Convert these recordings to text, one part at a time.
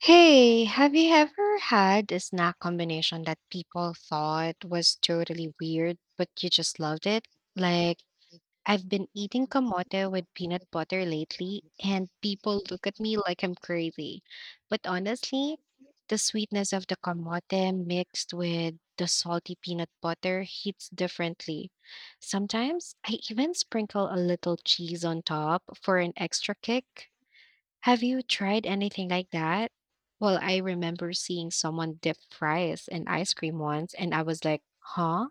Hey, have you ever had a snack combination that people thought was totally weird, but you just loved it? Like, I've been eating kamote with peanut butter lately, and people look at me like I'm crazy. But honestly, the sweetness of the kamote mixed with the salty peanut butter hits differently. Sometimes I even sprinkle a little cheese on top for an extra kick. Have you tried anything like that? Well, I remember seeing someone dip fries in ice cream once, and I was like, huh?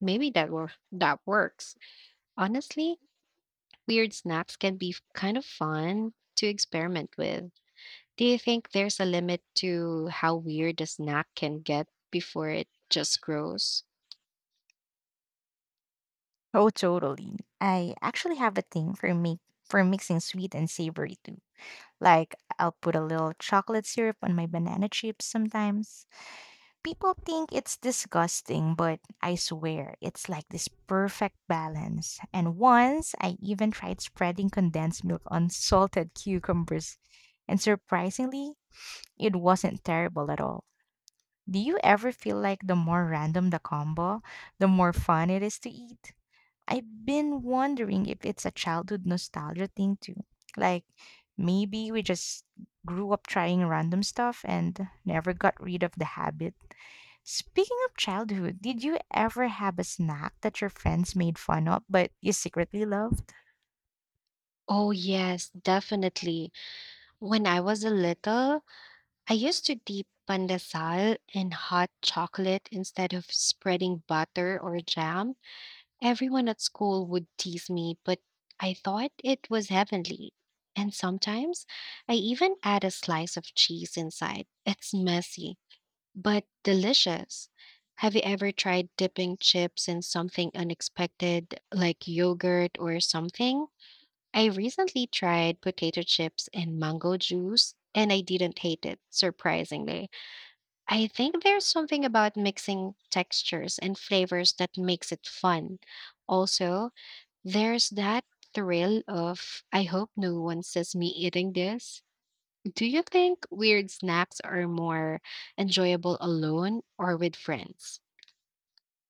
Maybe that works. Honestly, weird snacks can be kind of fun to experiment with. Do you think there's a limit to how weird a snack can get before it just grows? Oh, totally. I actually have a thing for me for mixing sweet and savory too. Like I'll put a little chocolate syrup on my banana chips sometimes. People think it's disgusting, but I swear it's like this perfect balance. And once I even tried spreading condensed milk on salted cucumbers, and surprisingly, it wasn't terrible at all. Do you ever feel like the more random the combo, the more fun it is to eat? I've been wondering if it's a childhood nostalgia thing too. Like maybe we just grew up trying random stuff and never got rid of the habit. Speaking of childhood, did you ever have a snack that your friends made fun of but you secretly loved? Oh, yes, definitely. When I was a little, I used to dip pandesal in hot chocolate instead of spreading butter or jam. Everyone at school would tease me, but I thought it was heavenly. And sometimes I even add a slice of cheese inside. It's messy, but delicious. Have you ever tried dipping chips in something unexpected, like yogurt or something? I recently tried potato chips and mango juice, and I didn't hate it, surprisingly. I think there's something about mixing textures and flavors that makes it fun. Also, there's that thrill of, I hope no one sees me eating this. Do you think weird snacks are more enjoyable alone or with friends?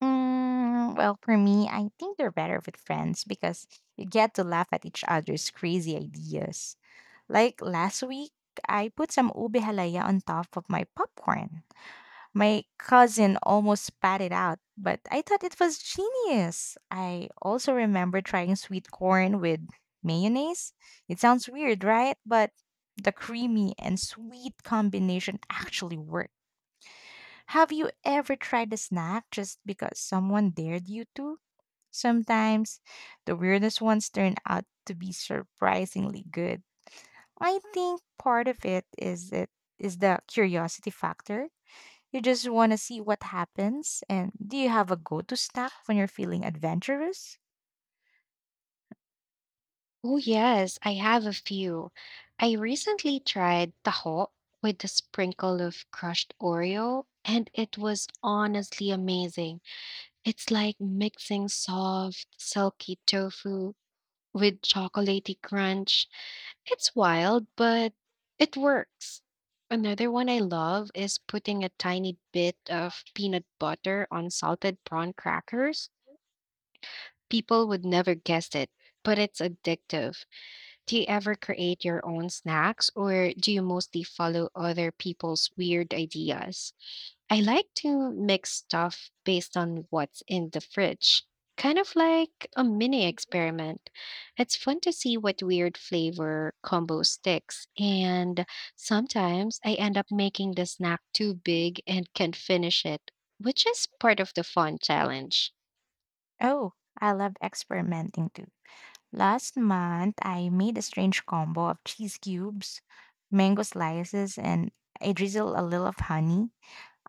Mm, well, for me, I think they're better with friends because you get to laugh at each other's crazy ideas. Like last week, I put some ube halaya on top of my popcorn. My cousin almost spat it out, but I thought it was genius. I also remember trying sweet corn with mayonnaise. It sounds weird, right? But the creamy and sweet combination actually worked. Have you ever tried a snack just because someone dared you to? Sometimes the weirdest ones turn out to be surprisingly good. I think part of it is the curiosity factor. You just want to see what happens. And do you have a go-to snack when you're feeling adventurous? Oh, yes, I have a few. I recently tried taho with a sprinkle of crushed Oreo, and it was honestly amazing. It's like mixing soft, silky tofu with chocolatey crunch. It's wild, but it works. Another one I love is putting a tiny bit of peanut butter on salted prawn crackers. People would never guess it, but it's addictive. Do you ever create your own snacks or do you mostly follow other people's weird ideas? I like to mix stuff based on what's in the fridge, kind of like a mini experiment. It's fun to see what weird flavor combo sticks, and sometimes I end up making the snack too big and can't finish it, which is part of the fun challenge. Oh, I love experimenting too. Last month, I made a strange combo of cheese cubes, mango slices, and I drizzled a little of honey.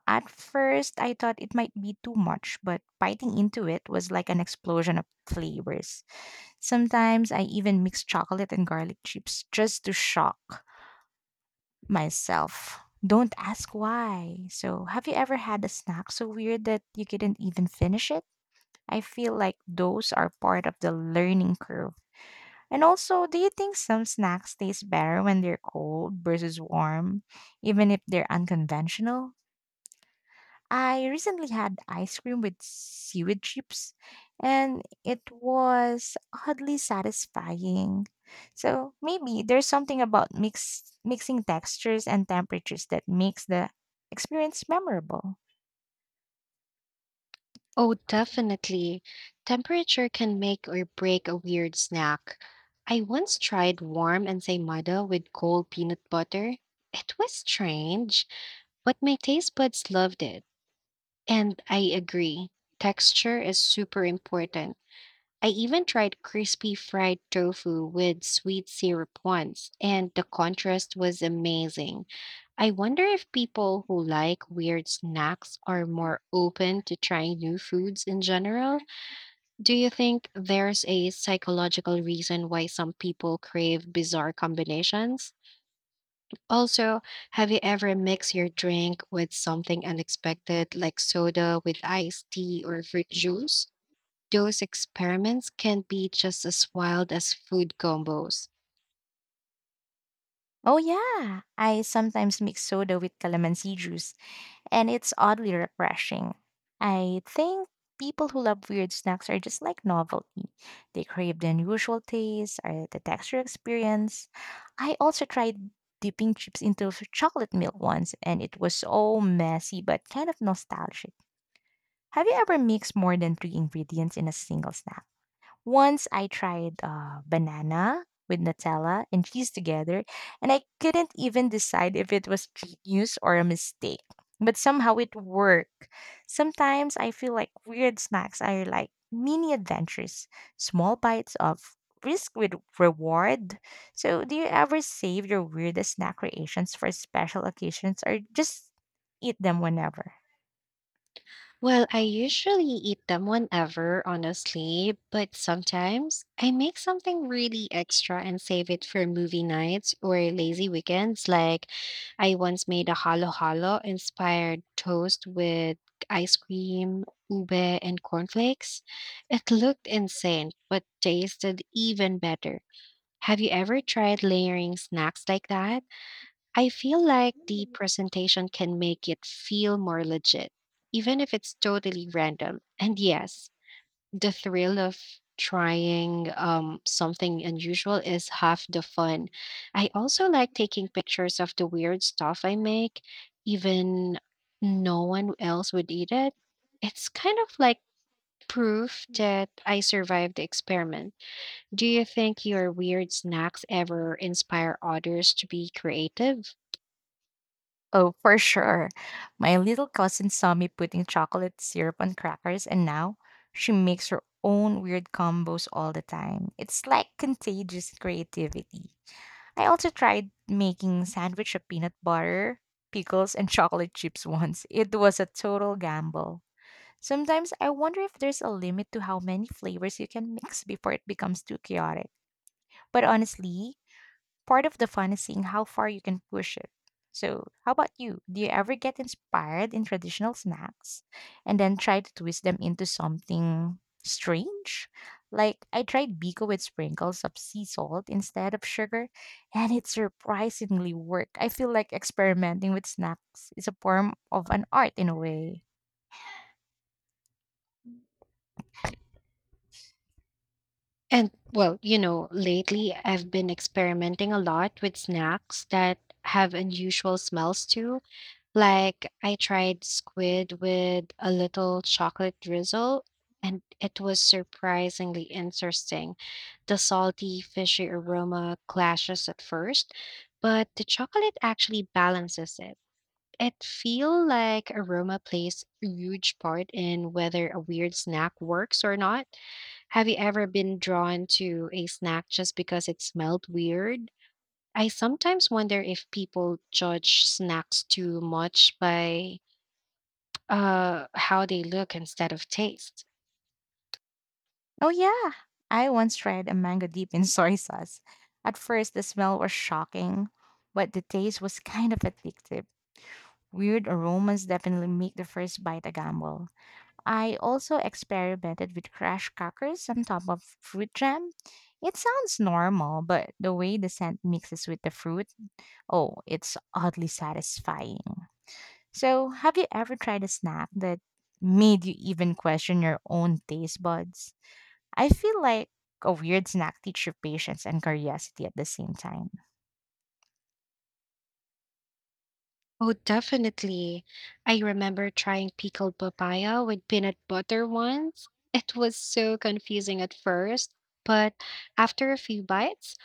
At first, I thought it might be too much, but biting into it was like an explosion of flavors. Sometimes I even mix chocolate and garlic chips just to shock myself. Don't ask why. So, have you ever had a snack so weird that you couldn't even finish it? I feel like those are part of the learning curve. And also, do you think some snacks taste better when they're cold versus warm, even if they're unconventional? I recently had ice cream with seaweed chips, and it was oddly satisfying. So maybe there's something about mixing textures and temperatures that makes the experience memorable. Oh, definitely. Temperature can make or break a weird snack. I once tried warm ensaymada with cold peanut butter. It was strange, but my taste buds loved it. And I agree, texture is super important. I even tried crispy fried tofu with sweet syrup once, and the contrast was amazing. I wonder if people who like weird snacks are more open to trying new foods in general. Do you think there's a psychological reason why some people crave bizarre combinations? Also, have you ever mixed your drink with something unexpected like soda with iced tea or fruit juice? Those experiments can be just as wild as food combos. Oh, yeah, I sometimes mix soda with calamansi juice, and it's oddly refreshing. I think people who love weird snacks are just like novelty. They crave the unusual taste or the texture experience. I also tried dipping chips into chocolate milk once, and it was so messy but kind of nostalgic. Have you ever mixed more than three ingredients in a single snack? Once I tried banana with Nutella and cheese together, and I couldn't even decide if it was genius or a mistake. But somehow it worked. Sometimes I feel like weird snacks are like mini adventures, small bites of risk with reward. So, do you ever save your weirdest snack creations for special occasions or just eat them whenever? Well, I usually eat them whenever, honestly, but sometimes I make something really extra and save it for movie nights or lazy weekends. Like, I once made a halo halo inspired toast with ice cream, ube, and cornflakes. It looked insane, but tasted even better. Have you ever tried layering snacks like that? I feel like the presentation can make it feel more legit, even if it's totally random. And yes, the thrill of trying something unusual is half the fun. I also like taking pictures of the weird stuff I make, even no one else would eat it. It's kind of like proof that I survived the experiment. Do you think your weird snacks ever inspire others to be creative? Oh, for sure. My little cousin saw me putting chocolate syrup on crackers, and now she makes her own weird combos all the time. It's like contagious creativity. I also tried making sandwich of peanut butter, pickles, and chocolate chips once. It was a total gamble. Sometimes I wonder if there's a limit to how many flavors you can mix before it becomes too chaotic. But honestly, part of the fun is seeing how far you can push it. So, how about you? Do you ever get inspired in traditional snacks and then try to twist them into something strange? Like, I tried Biko with sprinkles of sea salt instead of sugar, and it surprisingly worked. I feel like experimenting with snacks is a form of an art in a way. And well, you know, lately I've been experimenting a lot with snacks that have unusual smells too. Like I tried squid with a little chocolate drizzle, and it was surprisingly interesting. The salty, fishy aroma clashes at first, but the chocolate actually balances it. It feel like aroma plays a huge part in whether a weird snack works or not. Have you ever been drawn to a snack just because it smelled weird? I sometimes wonder if people judge snacks too much by how they look instead of taste. Oh, yeah. I once tried a mango dip in soy sauce. At first, the smell was shocking, but the taste was kind of addictive. Weird aromas definitely make the first bite a gamble. I also experimented with crushed crackers on top of fruit jam. It sounds normal, but the way the scent mixes with the fruit, oh, it's oddly satisfying. So, have you ever tried a snack that made you even question your own taste buds? I feel like a weird snack teaches you patience and curiosity at the same time. Oh, definitely. I remember trying pickled papaya with peanut butter once. It was so confusing at first, but after a few bites,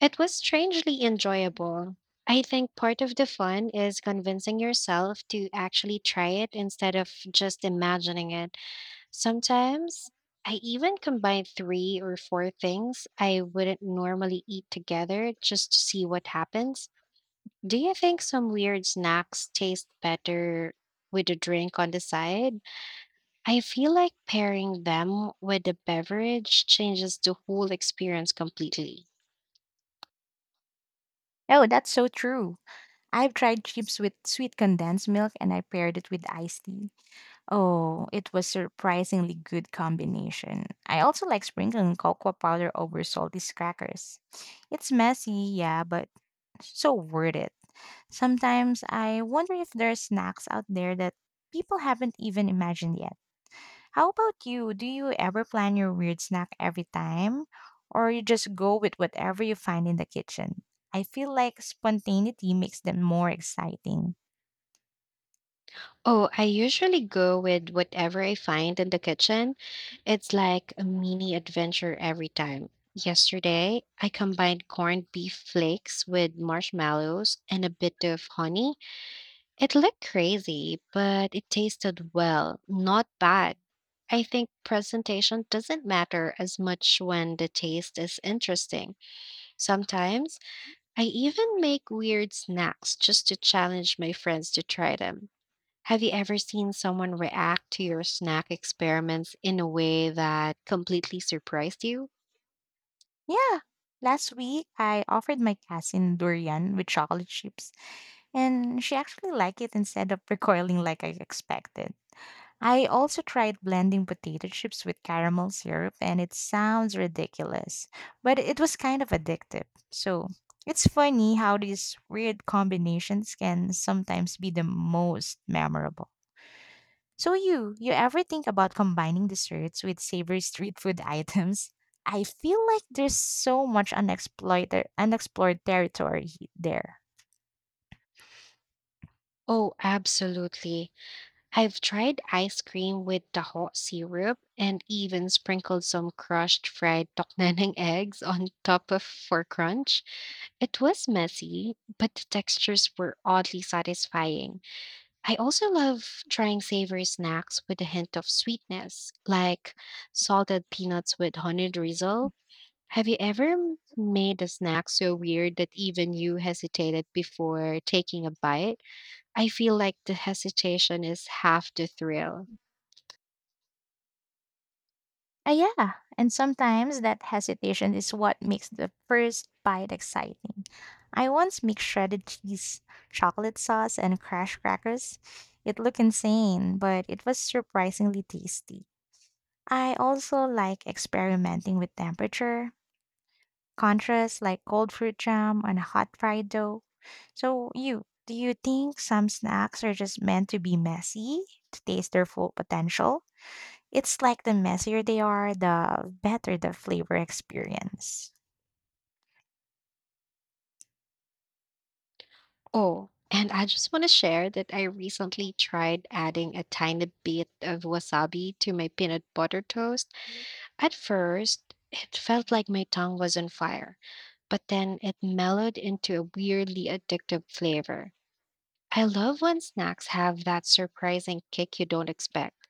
it was strangely enjoyable. I think part of the fun is convincing yourself to actually try it instead of just imagining it. Sometimes I even combine three or four things I wouldn't normally eat together just to see what happens. Do you think some weird snacks taste better with a drink on the side? I feel like pairing them with a beverage changes the whole experience completely. Oh, that's so true. I've tried chips with sweet condensed milk and I paired it with iced tea. Oh, it was surprisingly good combination. I also like sprinkling cocoa powder over salty crackers. It's messy, yeah, but so worth it. Sometimes I wonder if there are snacks out there that people haven't even imagined yet. How about you? Do you ever plan your weird snack every time? Or you just go with whatever you find in the kitchen? I feel like spontaneity makes them more exciting. Oh, I usually go with whatever I find in the kitchen. It's like a mini adventure every time. Yesterday, I combined corned beef flakes with marshmallows and a bit of honey. It looked crazy, but it tasted well, not bad. I think presentation doesn't matter as much when the taste is interesting. Sometimes I even make weird snacks just to challenge my friends to try them. Have you ever seen someone react to your snack experiments in a way that completely surprised you? Yeah. Last week, I offered my cousin durian with chocolate chips, and she actually liked it instead of recoiling like I expected. I also tried blending potato chips with caramel syrup, and it sounds ridiculous, but it was kind of addictive. So it's funny how these weird combinations can sometimes be the most memorable. So you ever think about combining desserts with savory street food items? I feel like there's so much unexploited unexplored territory there. Oh, absolutely. I've tried ice cream with the hot syrup and even sprinkled some crushed fried tokneneng eggs on top of for crunch. It was messy, but the textures were oddly satisfying. I also love trying savory snacks with a hint of sweetness, like salted peanuts with honey drizzle. Have you ever made a snack so weird that even you hesitated before taking a bite? I feel like the hesitation is half the thrill. Ah, yeah, and sometimes that hesitation is what makes the first bite exciting. I once mixed shredded cheese, chocolate sauce, and crash crackers. It looked insane, but it was surprisingly tasty. I also like experimenting with temperature, contrasts like cold fruit jam and hot fried dough. So, do you think some snacks are just meant to be messy to taste their full potential? It's like the messier they are, the better the flavor experience. Oh, and I just want to share that I recently tried adding a tiny bit of wasabi to my peanut butter toast. At first, it felt like my tongue was on fire, but then it mellowed into a weirdly addictive flavor. I love when snacks have that surprising kick you don't expect.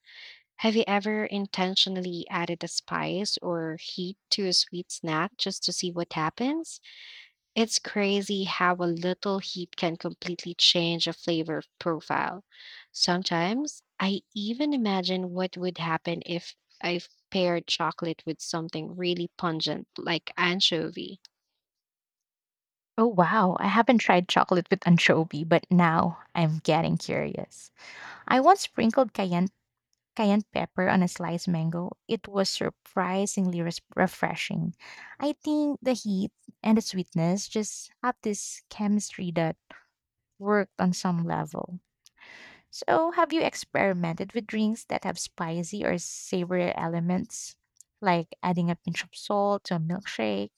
Have you ever intentionally added a spice or heat to a sweet snack just to see what happens? It's crazy how a little heat can completely change a flavor profile. Sometimes I even imagine what would happen if I paired chocolate with something really pungent, like anchovy. Oh wow, I haven't tried chocolate with anchovy, but now I'm getting curious. I once sprinkled cayenne pepper on a sliced mango, it was surprisingly refreshing. I think the heat and the sweetness just have this chemistry that worked on some level. So, have you experimented with drinks that have spicy or savory elements, like adding a pinch of salt to a milkshake?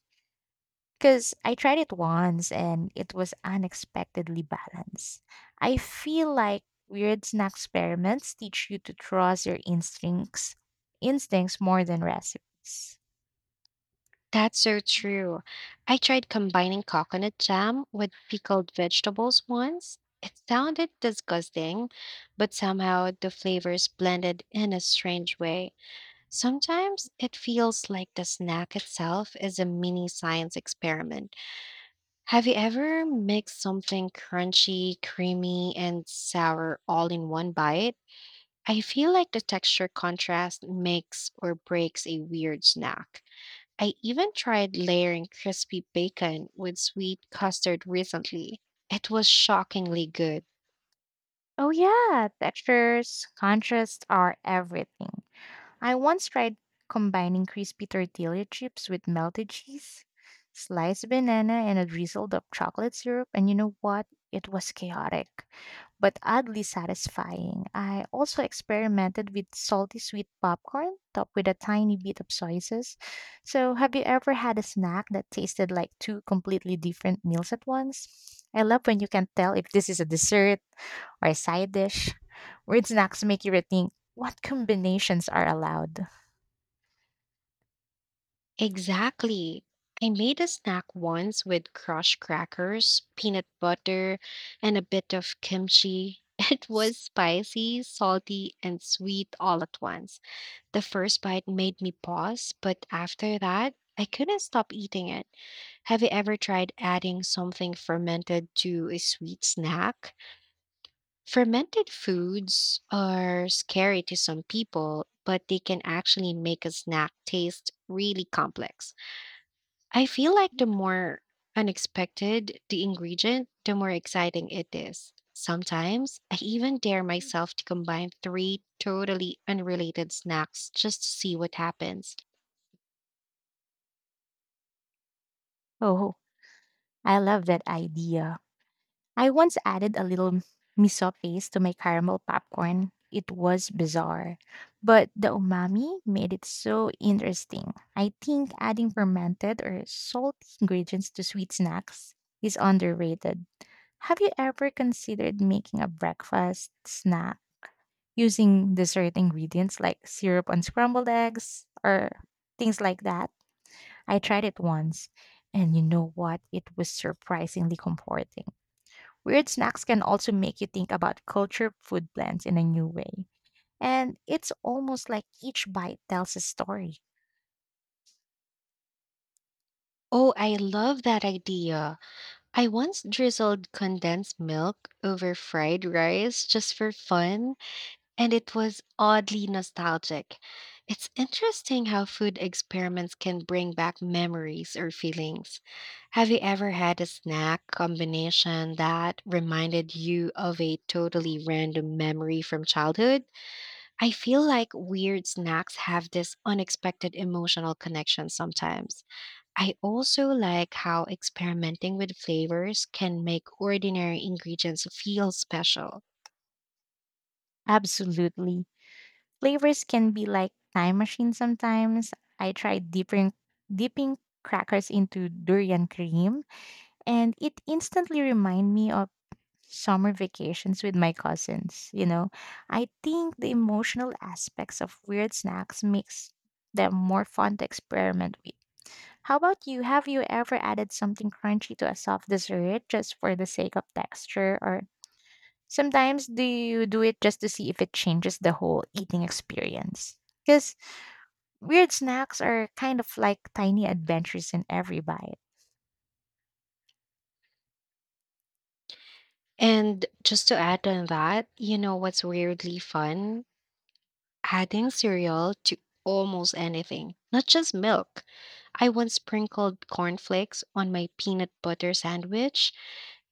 Because I tried it once and it was unexpectedly balanced. I feel like weird snack experiments teach you to trust your instincts more than recipes. That's so true. I tried combining coconut jam with pickled vegetables once. It sounded disgusting, but somehow the flavors blended in a strange way. Sometimes it feels like the snack itself is a mini science experiment. Have you ever mixed something crunchy, creamy, and sour all in one bite? I feel like the texture contrast makes or breaks a weird snack. I even tried layering crispy bacon with sweet custard recently. It was shockingly good. Oh yeah, textures, contrasts are everything. I once tried combining crispy tortilla chips with melted cheese, sliced banana, and a drizzle of chocolate syrup, and you know what? It was chaotic, but oddly satisfying. I also experimented with salty sweet popcorn topped with a tiny bit of soy sauce. So, have you ever had a snack that tasted like two completely different meals at once? I love when you can tell if this is a dessert or a side dish. Weird snacks make you rethink what combinations are allowed. Exactly. I made a snack once with crushed crackers, peanut butter, and a bit of kimchi. It was spicy, salty, and sweet all at once. The first bite made me pause, but after that, I couldn't stop eating it. Have you ever tried adding something fermented to a sweet snack? Fermented foods are scary to some people, but they can actually make a snack taste really complex. I feel like the more unexpected the ingredient, the more exciting it is. Sometimes I even dare myself to combine three totally unrelated snacks just to see what happens. Oh, I love that idea. I once added a little miso paste to my caramel popcorn. It was bizarre, but the umami made it so interesting. I think adding fermented or salty ingredients to sweet snacks is underrated. Have you ever considered making a breakfast snack using dessert ingredients like syrup on scrambled eggs or things like that? I tried it once, and you know what? It was surprisingly comforting. Weird snacks can also make you think about culture food blends in a new way. And it's almost like each bite tells a story. Oh, I love that idea. I once drizzled condensed milk over fried rice just for fun, and it was oddly nostalgic. It's interesting how food experiments can bring back memories or feelings. Have you ever had a snack combination that reminded you of a totally random memory from childhood? I feel like weird snacks have this unexpected emotional connection sometimes. I also like how experimenting with flavors can make ordinary ingredients feel special. Absolutely. Flavors can be like time machines sometimes. I tried dipping crackers into durian cream, and it instantly reminded me of summer vacations with my cousins. You know, I think the emotional aspects of weird snacks makes them more fun to experiment with. How about you? Have you ever added something crunchy to a soft dessert just for the sake of texture, or sometimes do you do it just to see if it changes the whole eating experience? Because weird snacks are kind of like tiny adventures in every bite. And just to add on that, you know what's weirdly fun? Adding cereal to almost anything, not just milk. I once sprinkled cornflakes on my peanut butter sandwich,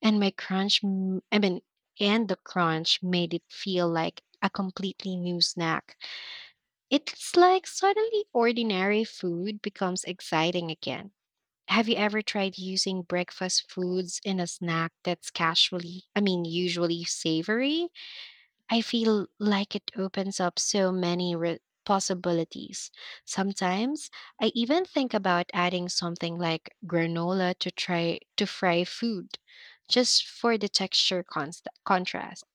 and my crunch, m- I mean, and the crunch made it feel like a completely new snack. It's like suddenly ordinary food becomes exciting again. Have you ever tried using breakfast foods in a snack that's usually savory? I feel like it opens up so many possibilities. Sometimes I even think about adding something like granola to try to fry food just for the texture contrast.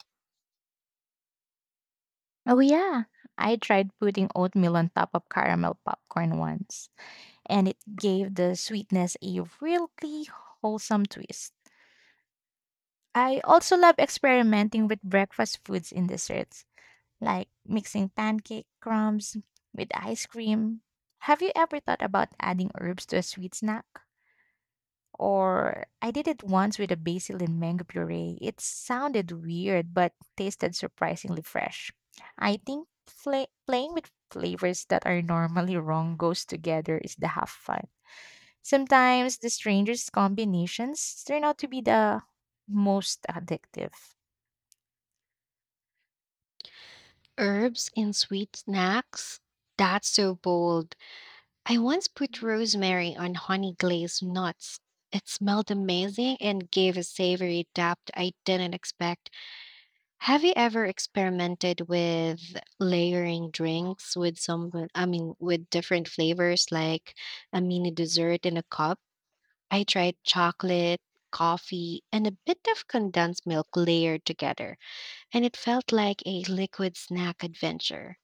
Oh, yeah. I tried putting oatmeal on top of caramel popcorn once, and it gave the sweetness a really wholesome twist. I also love experimenting with breakfast foods in desserts, like mixing pancake crumbs with ice cream. Have you ever thought about adding herbs to a sweet snack? Or I did it once with a basil and mango puree. It sounded weird, but tasted surprisingly fresh. I think playing with flavors that are normally wrong goes together is the half fun. Sometimes the strangest combinations turn out to be the most addictive. Herbs in sweet snacks? That's so bold. I once put rosemary on honey glazed nuts. It smelled amazing and gave a savory depth I didn't expect. Have you ever experimented with layering drinks with some, I mean, with different flavors like a mini dessert in a cup? I tried chocolate, coffee, and a bit of condensed milk layered together, and it felt like a liquid snack adventure.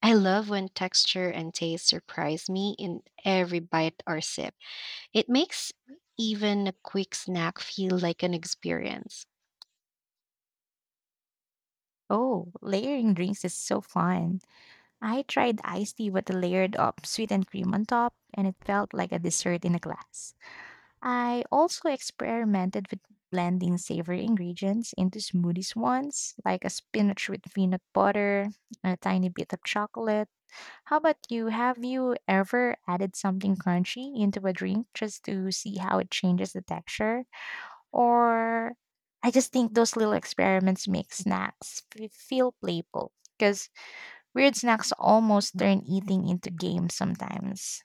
I love when texture and taste surprise me in every bite or sip. It makes even a quick snack feel like an experience. Oh, layering drinks is so fun. I tried iced tea with a layered of sweet and cream on top, and it felt like a dessert in a glass. I also experimented with blending savory ingredients into smoothies once, like a spinach with peanut butter, a tiny bit of chocolate. How about you? Have you ever added something crunchy into a drink just to see how it changes the texture? Or I just think those little experiments make snacks feel playful, because weird snacks almost turn eating into games sometimes.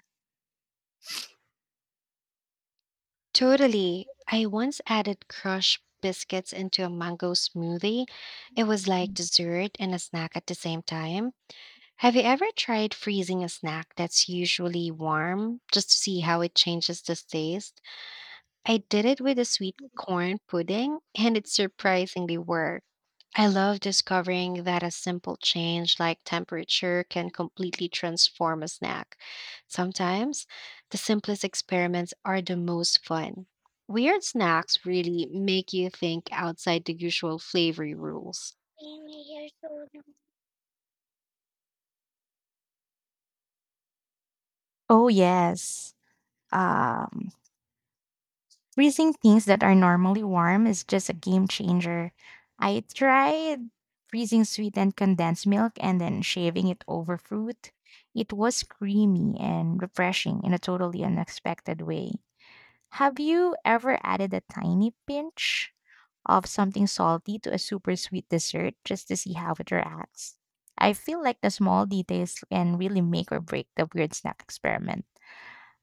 Totally. I once added crushed biscuits into a mango smoothie. It was like dessert and a snack at the same time. Have you ever tried freezing a snack that's usually warm just to see how it changes the taste? I did it with a sweet corn pudding, and it surprisingly worked. I love discovering that a simple change like temperature can completely transform a snack. Sometimes the simplest experiments are the most fun. Weird snacks really make you think outside the usual flavoring rules. Oh, yes. Um, Freezing things that are normally warm is just a game changer. I tried freezing sweetened condensed milk and then shaving it over fruit. It was creamy and refreshing in a totally unexpected way. Have you ever added a tiny pinch of something salty to a super sweet dessert just to see how it reacts? I feel like the small details can really make or break the weird snack experiment.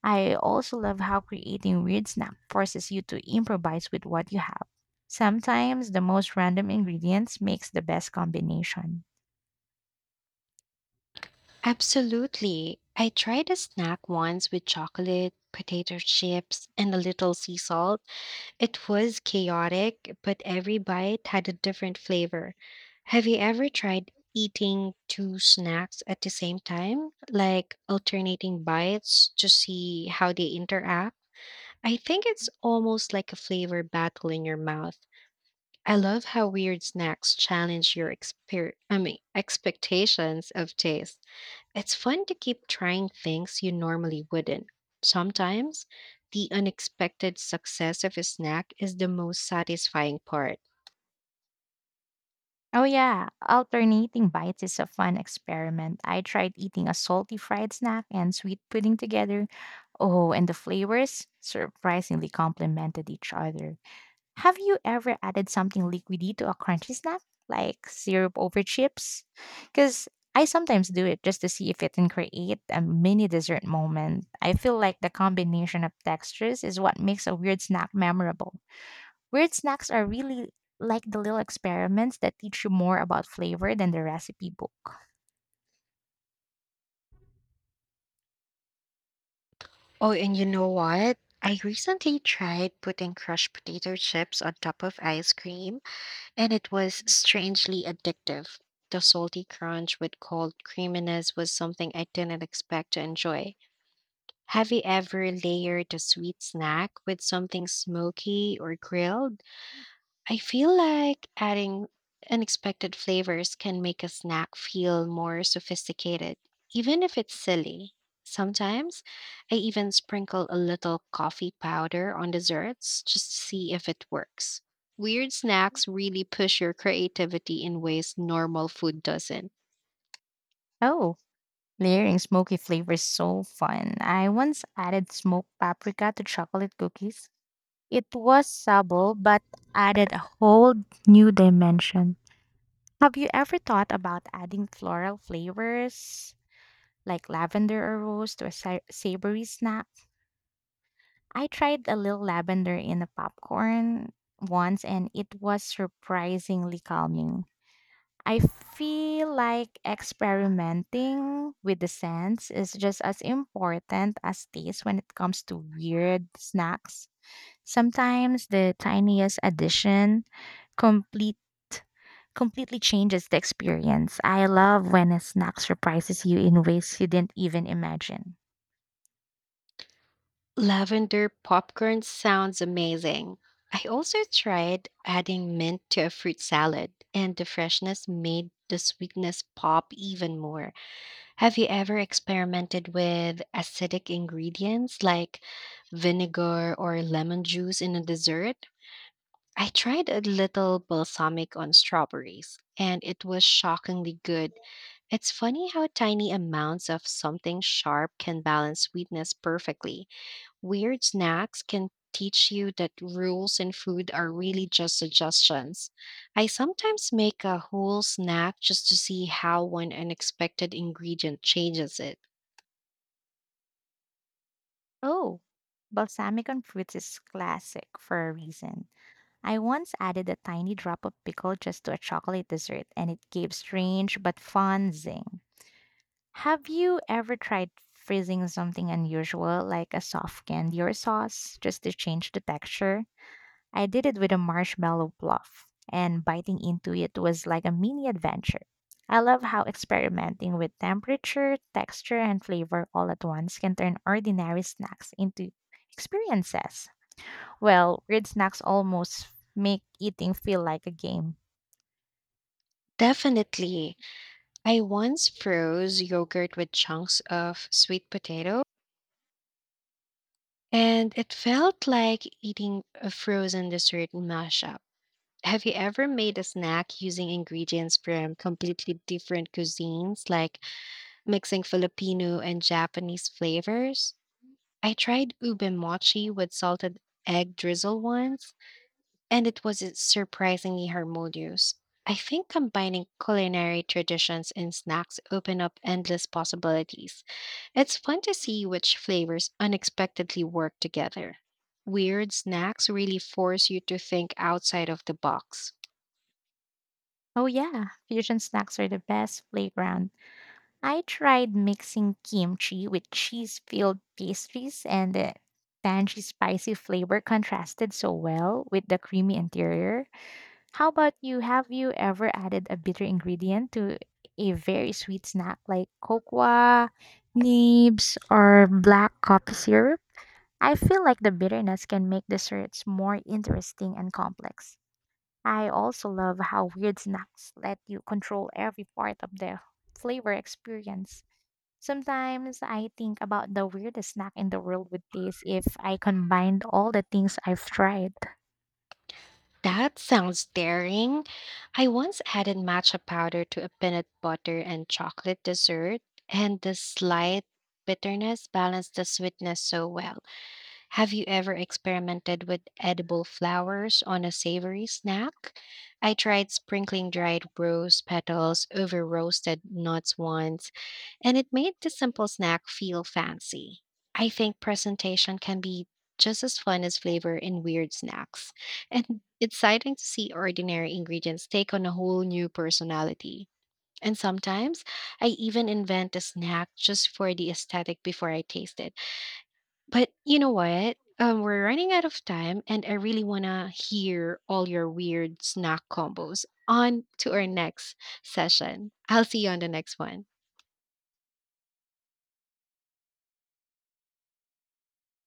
I also love how creating weird snacks forces you to improvise with what you have. Sometimes the most random ingredients makes the best combination. Absolutely. I tried a snack once with chocolate, potato chips, and a little sea salt. It was chaotic, but every bite had a different flavor. Have you ever tried eating two snacks at the same time, like alternating bites to see how they interact? I think it's almost like a flavor battle in your mouth. I love how weird snacks challenge your expectations of taste. It's fun to keep trying things you normally wouldn't. Sometimes, the unexpected success of a snack is the most satisfying part. Oh yeah, alternating bites is a fun experiment. I tried eating a salty fried snack and sweet pudding together. Oh, and the flavors surprisingly complemented each other. Have you ever added something liquidy to a crunchy snack, like syrup over chips? Because I sometimes do it just to see if it can create a mini dessert moment. I feel like the combination of textures is what makes a weird snack memorable. Weird snacks are really like the little experiments that teach you more about flavor than the recipe book. Oh, and you know what? I recently tried putting crushed potato chips on top of ice cream, and it was strangely addictive. The salty crunch with cold creaminess was something I didn't expect to enjoy. Have you ever layered a sweet snack with something smoky or grilled? I feel like adding unexpected flavors can make a snack feel more sophisticated, even if it's silly. Sometimes I even sprinkle a little coffee powder on desserts just to see if it works. Weird snacks really push your creativity in ways normal food doesn't. Oh, layering smoky flavor is so fun. I once added smoked paprika to chocolate cookies. It was subtle but added a whole new dimension. Have you ever thought about adding floral flavors like lavender or rose to a savory snack? I tried a little lavender in a popcorn once and it was surprisingly calming. I feel like experimenting with the scents is just as important as taste when it comes to weird snacks. Sometimes the tiniest addition complete completely changes the experience. I love when a snack surprises you in ways you didn't even imagine. Lavender popcorn sounds amazing. I also tried adding mint to a fruit salad, and the freshness made the sweetness pop even more. Have you ever experimented with acidic ingredients like vinegar or lemon juice in a dessert? I tried a little balsamic on strawberries, and it was shockingly good. It's funny how tiny amounts of something sharp can balance sweetness perfectly. Weird snacks can teach you that rules in food are really just suggestions. I sometimes make a whole snack just to see how one unexpected ingredient changes it. Oh, balsamic on fruits is classic for a reason. I once added a tiny drop of pickle just to a chocolate dessert and it gave strange but fun zing. Have you ever tried freezing something unusual like a soft candy or sauce just to change the texture? I did it with a marshmallow bluff, and biting into it was like a mini adventure. I love how experimenting with temperature, texture, and flavor all at once can turn ordinary snacks into experiences. Well, weird snacks almost make eating feel like a game. Definitely. I once froze yogurt with chunks of sweet potato, and it felt like eating a frozen dessert mashup. Have you ever made a snack using ingredients from completely different cuisines, like mixing Filipino and Japanese flavors? I tried ube mochi with salted egg drizzle once, and it was surprisingly harmonious. I think combining culinary traditions in snacks open up endless possibilities. It's fun to see which flavors unexpectedly work together. Weird snacks really force you to think outside of the box. Oh, yeah, fusion snacks are the best playground. I tried mixing kimchi with cheese filled pastries, and the tangy, spicy flavor contrasted so well with the creamy interior. How about you? Have you ever added a bitter ingredient to a very sweet snack like cocoa, nibs, or black coffee syrup? I feel like the bitterness can make desserts more interesting and complex. I also love how weird snacks let you control every part of the flavor experience. Sometimes I think about the weirdest snack in the world with this if I combined all the things I've tried. That sounds daring. I once added matcha powder to a peanut butter and chocolate dessert, and the slight bitterness balanced the sweetness so well. Have you ever experimented with edible flowers on a savory snack? I tried sprinkling dried rose petals over roasted nuts once, and it made the simple snack feel fancy. I think presentation can be just as fun as flavor in weird snacks, and it's exciting to see ordinary ingredients take on a whole new personality. And sometimes I even invent a snack just for the aesthetic before I taste it. But you know what? We're running out of time, and I really want to hear all your weird snack combos. On to our next session. I'll see you on the next one.